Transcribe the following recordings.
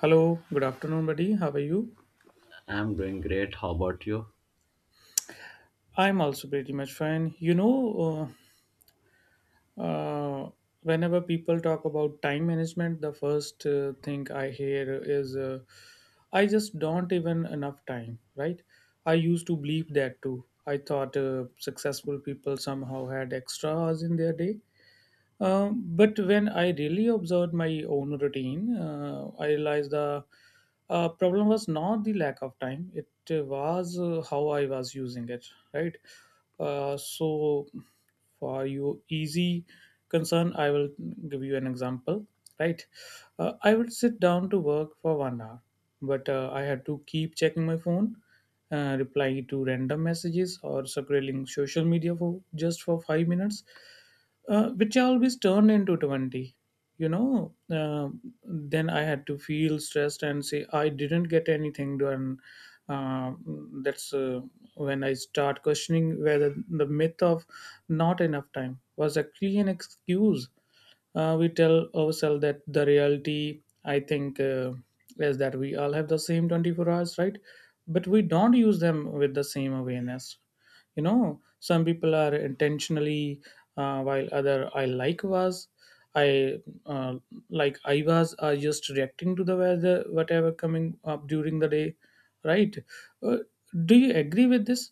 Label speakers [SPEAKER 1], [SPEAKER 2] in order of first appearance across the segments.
[SPEAKER 1] Hello, good afternoon, buddy. How are you?
[SPEAKER 2] I'm doing great. How about you?
[SPEAKER 1] I'm also pretty much fine. Uh, uh, Whenever people talk about time management, the first thing I hear is I just don't even enough time, right? I used to believe that too. I thought successful people somehow had extra hours in their day. But when I really observed my own routine, I realized the problem was not the lack of time; it was how I was using it. Right. Uh, so, for your easy concern, I will give you an example. Right. I would sit down to work for 1 hour, but I had to keep checking my phone, replying to random messages, or scrolling social media for just for 5 minutes, which always turned into 20. You know, uh, then I had to feel stressed and say, I didn't get anything done. Uh, that's When I start questioning whether the myth of not enough time was actually an excuse. We tell ourselves that the reality, I think, is that we all have the same 24 hours, right? But we don't use them with the same awareness. You know, some people are intentionally, while other I like was I uh, like I was are just reacting to the weather whatever coming up during the day, right. uh, do you agree with this?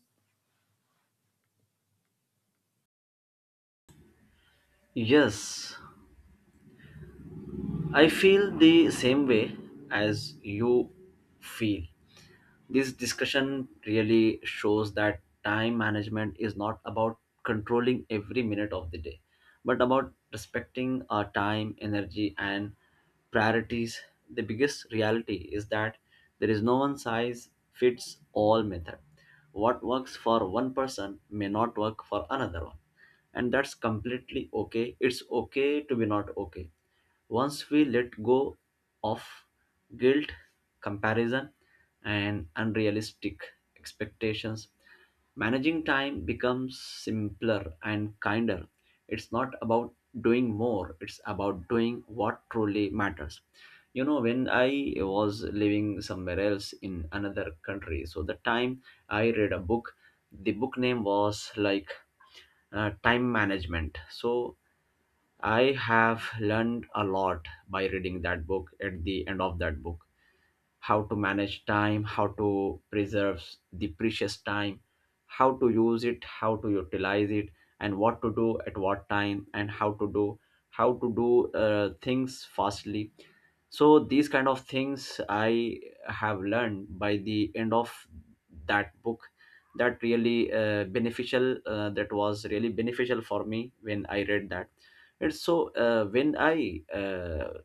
[SPEAKER 2] Yes, I feel the same way as you feel. This discussion really shows that time management is not about controlling every minute of the day, but about respecting our time, energy, and priorities. The biggest reality is that there is no one size fits all method. What works for one person may not work for another one, and that's completely okay. It's okay to be not okay. Once we let go of guilt, comparison, and unrealistic expectations, managing time becomes simpler and kinder. It's not about doing more, it's about doing what truly matters. You know, when I was living somewhere else in another country, so the time I read a book, the book name was like Time Management. So I have learned a lot by reading that book at the end of that book how to manage time, how to preserve the precious time, how to use it, how to utilize it, and what to do at what time, and how to do things fastly. So these kind of things I have learned by the end of that book. That really beneficial. That was really beneficial for me when I read that. And so when I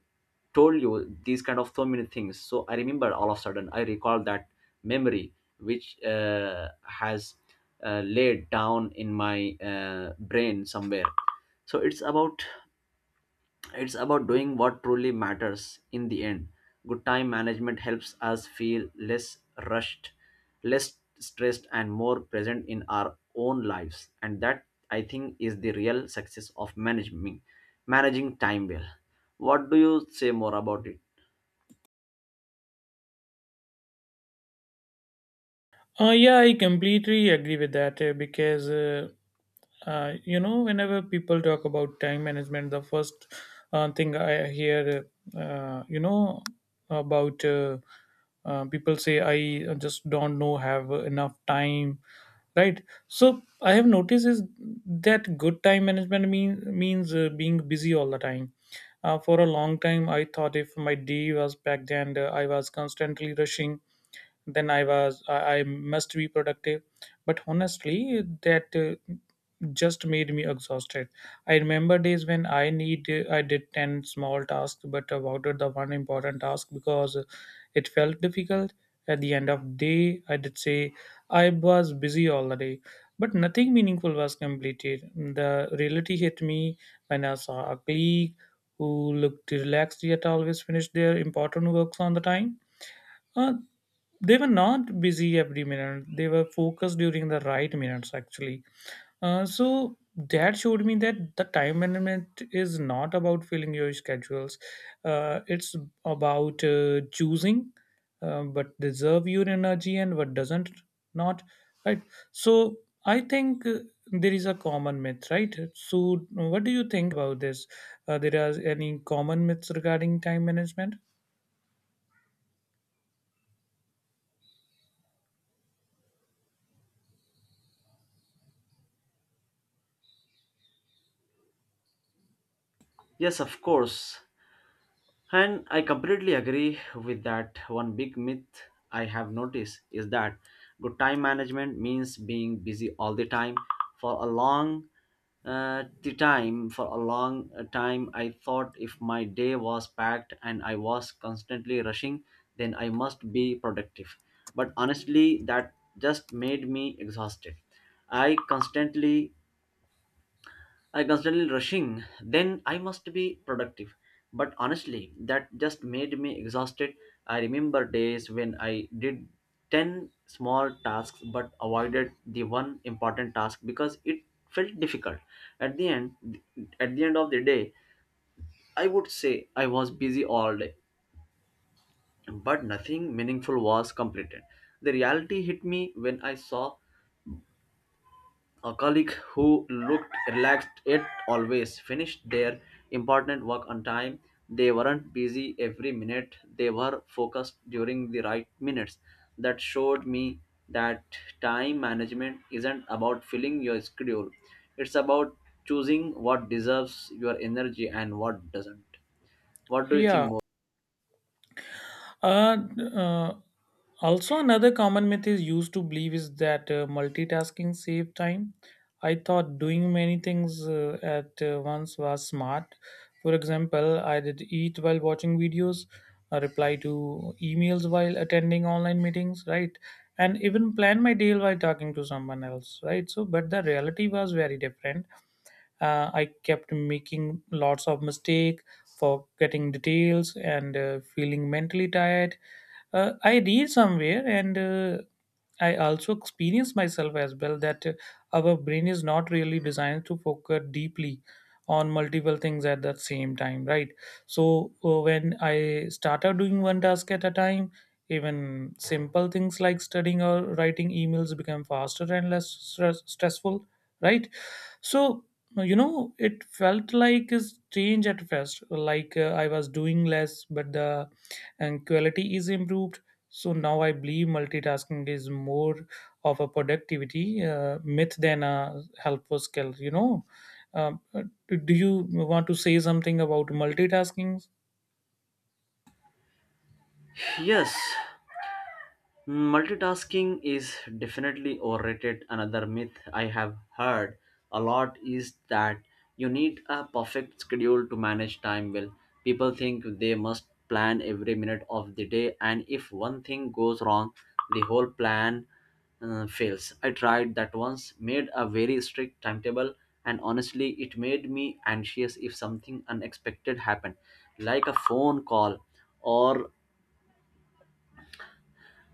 [SPEAKER 2] told you these kind of so many things, so I remember, all of a sudden, I recall that memory which has laid down in my brain somewhere. So it's about, it's about doing what truly matters. In the end, good time management helps us feel less rushed, less stressed, and more present in our own lives, and that, I think, is the real success of managing time well. What do you say more about it?
[SPEAKER 1] Yeah, I completely agree with that, because you know, whenever people talk about time management, the first thing I hear, you know, about people say, I just don't know, have enough time, right? So I have noticed is that good time management means being busy all the time. For a long time, I thought if my day was packed and I was constantly rushing, then I was I must be productive, but honestly that just made me exhausted. I remember days when I did 10 small tasks but avoided the one important task because it felt difficult. At the end of day, I did say I was busy all the day, but nothing meaningful was completed. The reality hit me when I saw a colleague who looked relaxed yet always finished their important works on the time. uh, they were not busy every minute, they were focused during the right minutes actually. uh, so that showed me that the time management is not about filling your schedules, it's about choosing but deserve your energy and what doesn't not, right. So I think, there is a common myth, right? So what do you think about this? There are any common myths regarding time management?
[SPEAKER 2] Yes, of course. And I completely agree with that. One big myth I have noticed is that good time management means being busy all the time for a long for a long time. I thought if my day was packed and I was constantly rushing, then I must be productive, but honestly that just made me exhausted. i constantly I constantly rushing, then I must be productive. But honestly, that just made me exhausted. I remember days when I did 10 small tasks but avoided the one important task because it felt difficult. At the end at the end of the day, I would say I was busy all day, but nothing meaningful was completed. The reality hit me when I saw a colleague who looked relaxed yet always finished their important work on time. They weren't busy every minute, they were focused during the right minutes. That showed me that time management isn't about filling your schedule, it's about choosing what deserves your energy and what doesn't. What do you think
[SPEAKER 1] Yeah.
[SPEAKER 2] more?
[SPEAKER 1] Uh, uh, Also, another common myth is used to believe is that multitasking save time. I thought doing many things at once was smart. For example, I did eat while watching videos, reply to emails while attending online meetings, right? And even plan my day while talking to someone else, right? So, but the reality was very different. I kept making lots of mistake, forgetting details, and feeling mentally tired. I read somewhere, and I also experience myself as well that our brain is not really designed to focus deeply on multiple things at the same time, right. So when I started doing one task at a time, even simple things like studying or writing emails become faster and stressful, right. So, you know, it felt like a change at first, like I was doing less, but the and quality is improved. So now I believe multitasking is more of a productivity myth than a helpful skill, you know. Um, uh, do you want to say something about multitasking?
[SPEAKER 2] Yes, multitasking is definitely overrated. Another myth I have heard a lot is that you need a perfect schedule to manage time well. People think they must plan every minute of the day, and if one thing goes wrong, the whole plan fails. I tried that once, made a very strict timetable, and honestly, it made me anxious if something unexpected happened, like a phone call or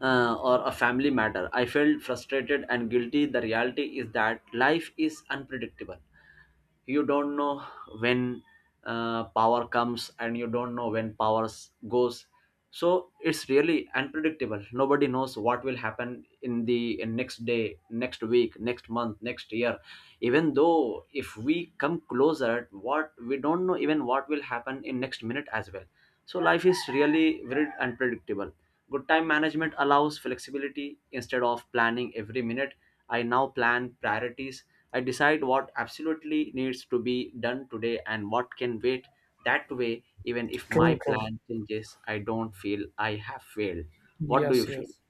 [SPEAKER 2] or a family matter. I felt frustrated and guilty. The reality is that life is unpredictable. You don't know when power comes and you don't know when goes. So it's really unpredictable. Nobody knows what will happen in the in next day, next week, next month, next year. Even though if we come closer, what we don't know, even what will happen in next minute as well. So life is really very unpredictable. Good time management allows flexibility instead of planning every minute. I now plan priorities. I decide what absolutely needs to be done today and what can wait. That way, even if my
[SPEAKER 1] True, true.
[SPEAKER 2] plan changes, I don't feel I have failed. What do you
[SPEAKER 1] Yes,
[SPEAKER 2] feel?
[SPEAKER 1] yes.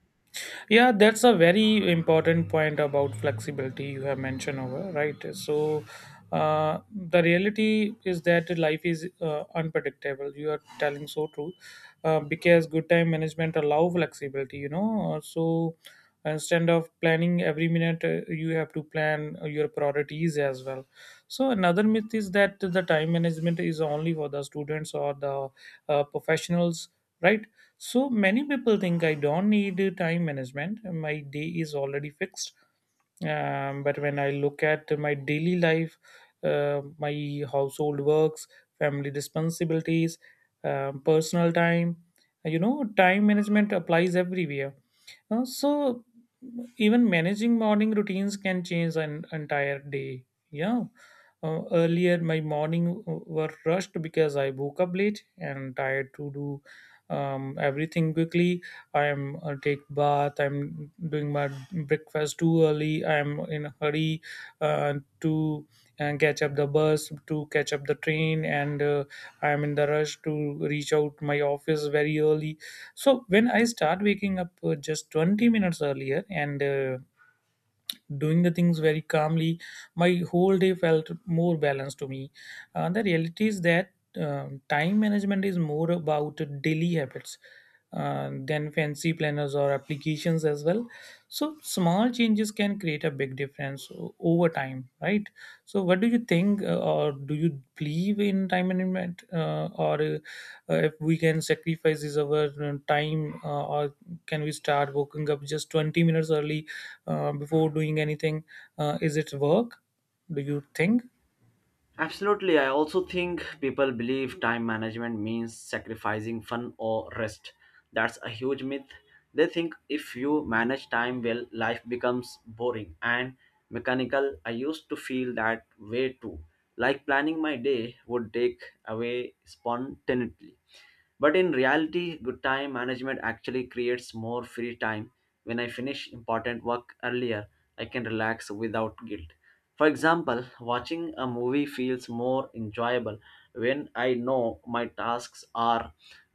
[SPEAKER 1] Yeah, that's a very important point about flexibility you have mentioned over, right? So, the reality is that life is unpredictable. You are telling so true, because good time management allow flexibility. You know, so instead of planning every minute, you have to plan your priorities as well. So another myth is that the time management is only for the students or the professionals, right? So many people think I don't need time management. My day is already fixed. But when I look at my daily life, my household works, family responsibilities, personal time, you know, time management applies everywhere. Uh, so Even managing morning routines can change an entire day. Yeah. Earlier, my morning were rushed because I woke up late and tired to do everything quickly. I'm take bath. I'm doing my breakfast too early. I'm in a hurry uh, to catch up the bus, to catch up the train, and I'm in the rush to reach out my office very early. So when I start waking up just 20 minutes earlier and doing the things very calmly, my whole day felt more balanced to me. The reality is that time management is more about daily habits than fancy planners or applications as well. So small changes can create a big difference over time, right. So what do you think, or do you believe in time management, or if we can sacrifice is our time, or can we start waking up just 20 minutes early before doing anything? Is it work? Do you think?
[SPEAKER 2] Absolutely. I also think people believe time management means sacrificing fun or rest. That's a huge myth. They think if you manage time well, life becomes boring and mechanical. I used to feel that way too, like planning my day would take away spontaneity. But in reality, good time management actually creates more free time. When I finish important work earlier, I can relax without guilt. For example, watching a movie feels more enjoyable when I know my tasks are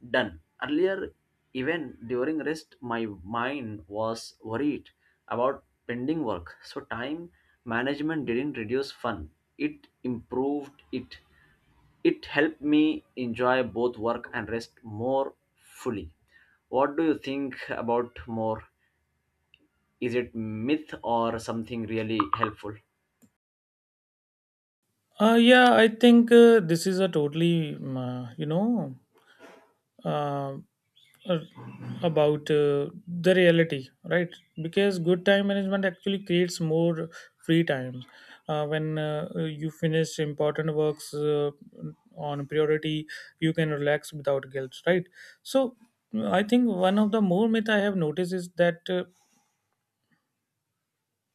[SPEAKER 2] done. Earlier, even during rest, my mind was worried about pending work. So, time management didn't reduce fun, it improved it. It helped me enjoy both work and rest more fully. What do you think about more? Is it myth or something really helpful?
[SPEAKER 1] Yeah, I think this is a totally, you know, uh, uh, about the reality, right? Because good time management actually creates more free time. When you finish important works on priority, you can relax without guilt, right? So I think one of the more myth I have noticed is that.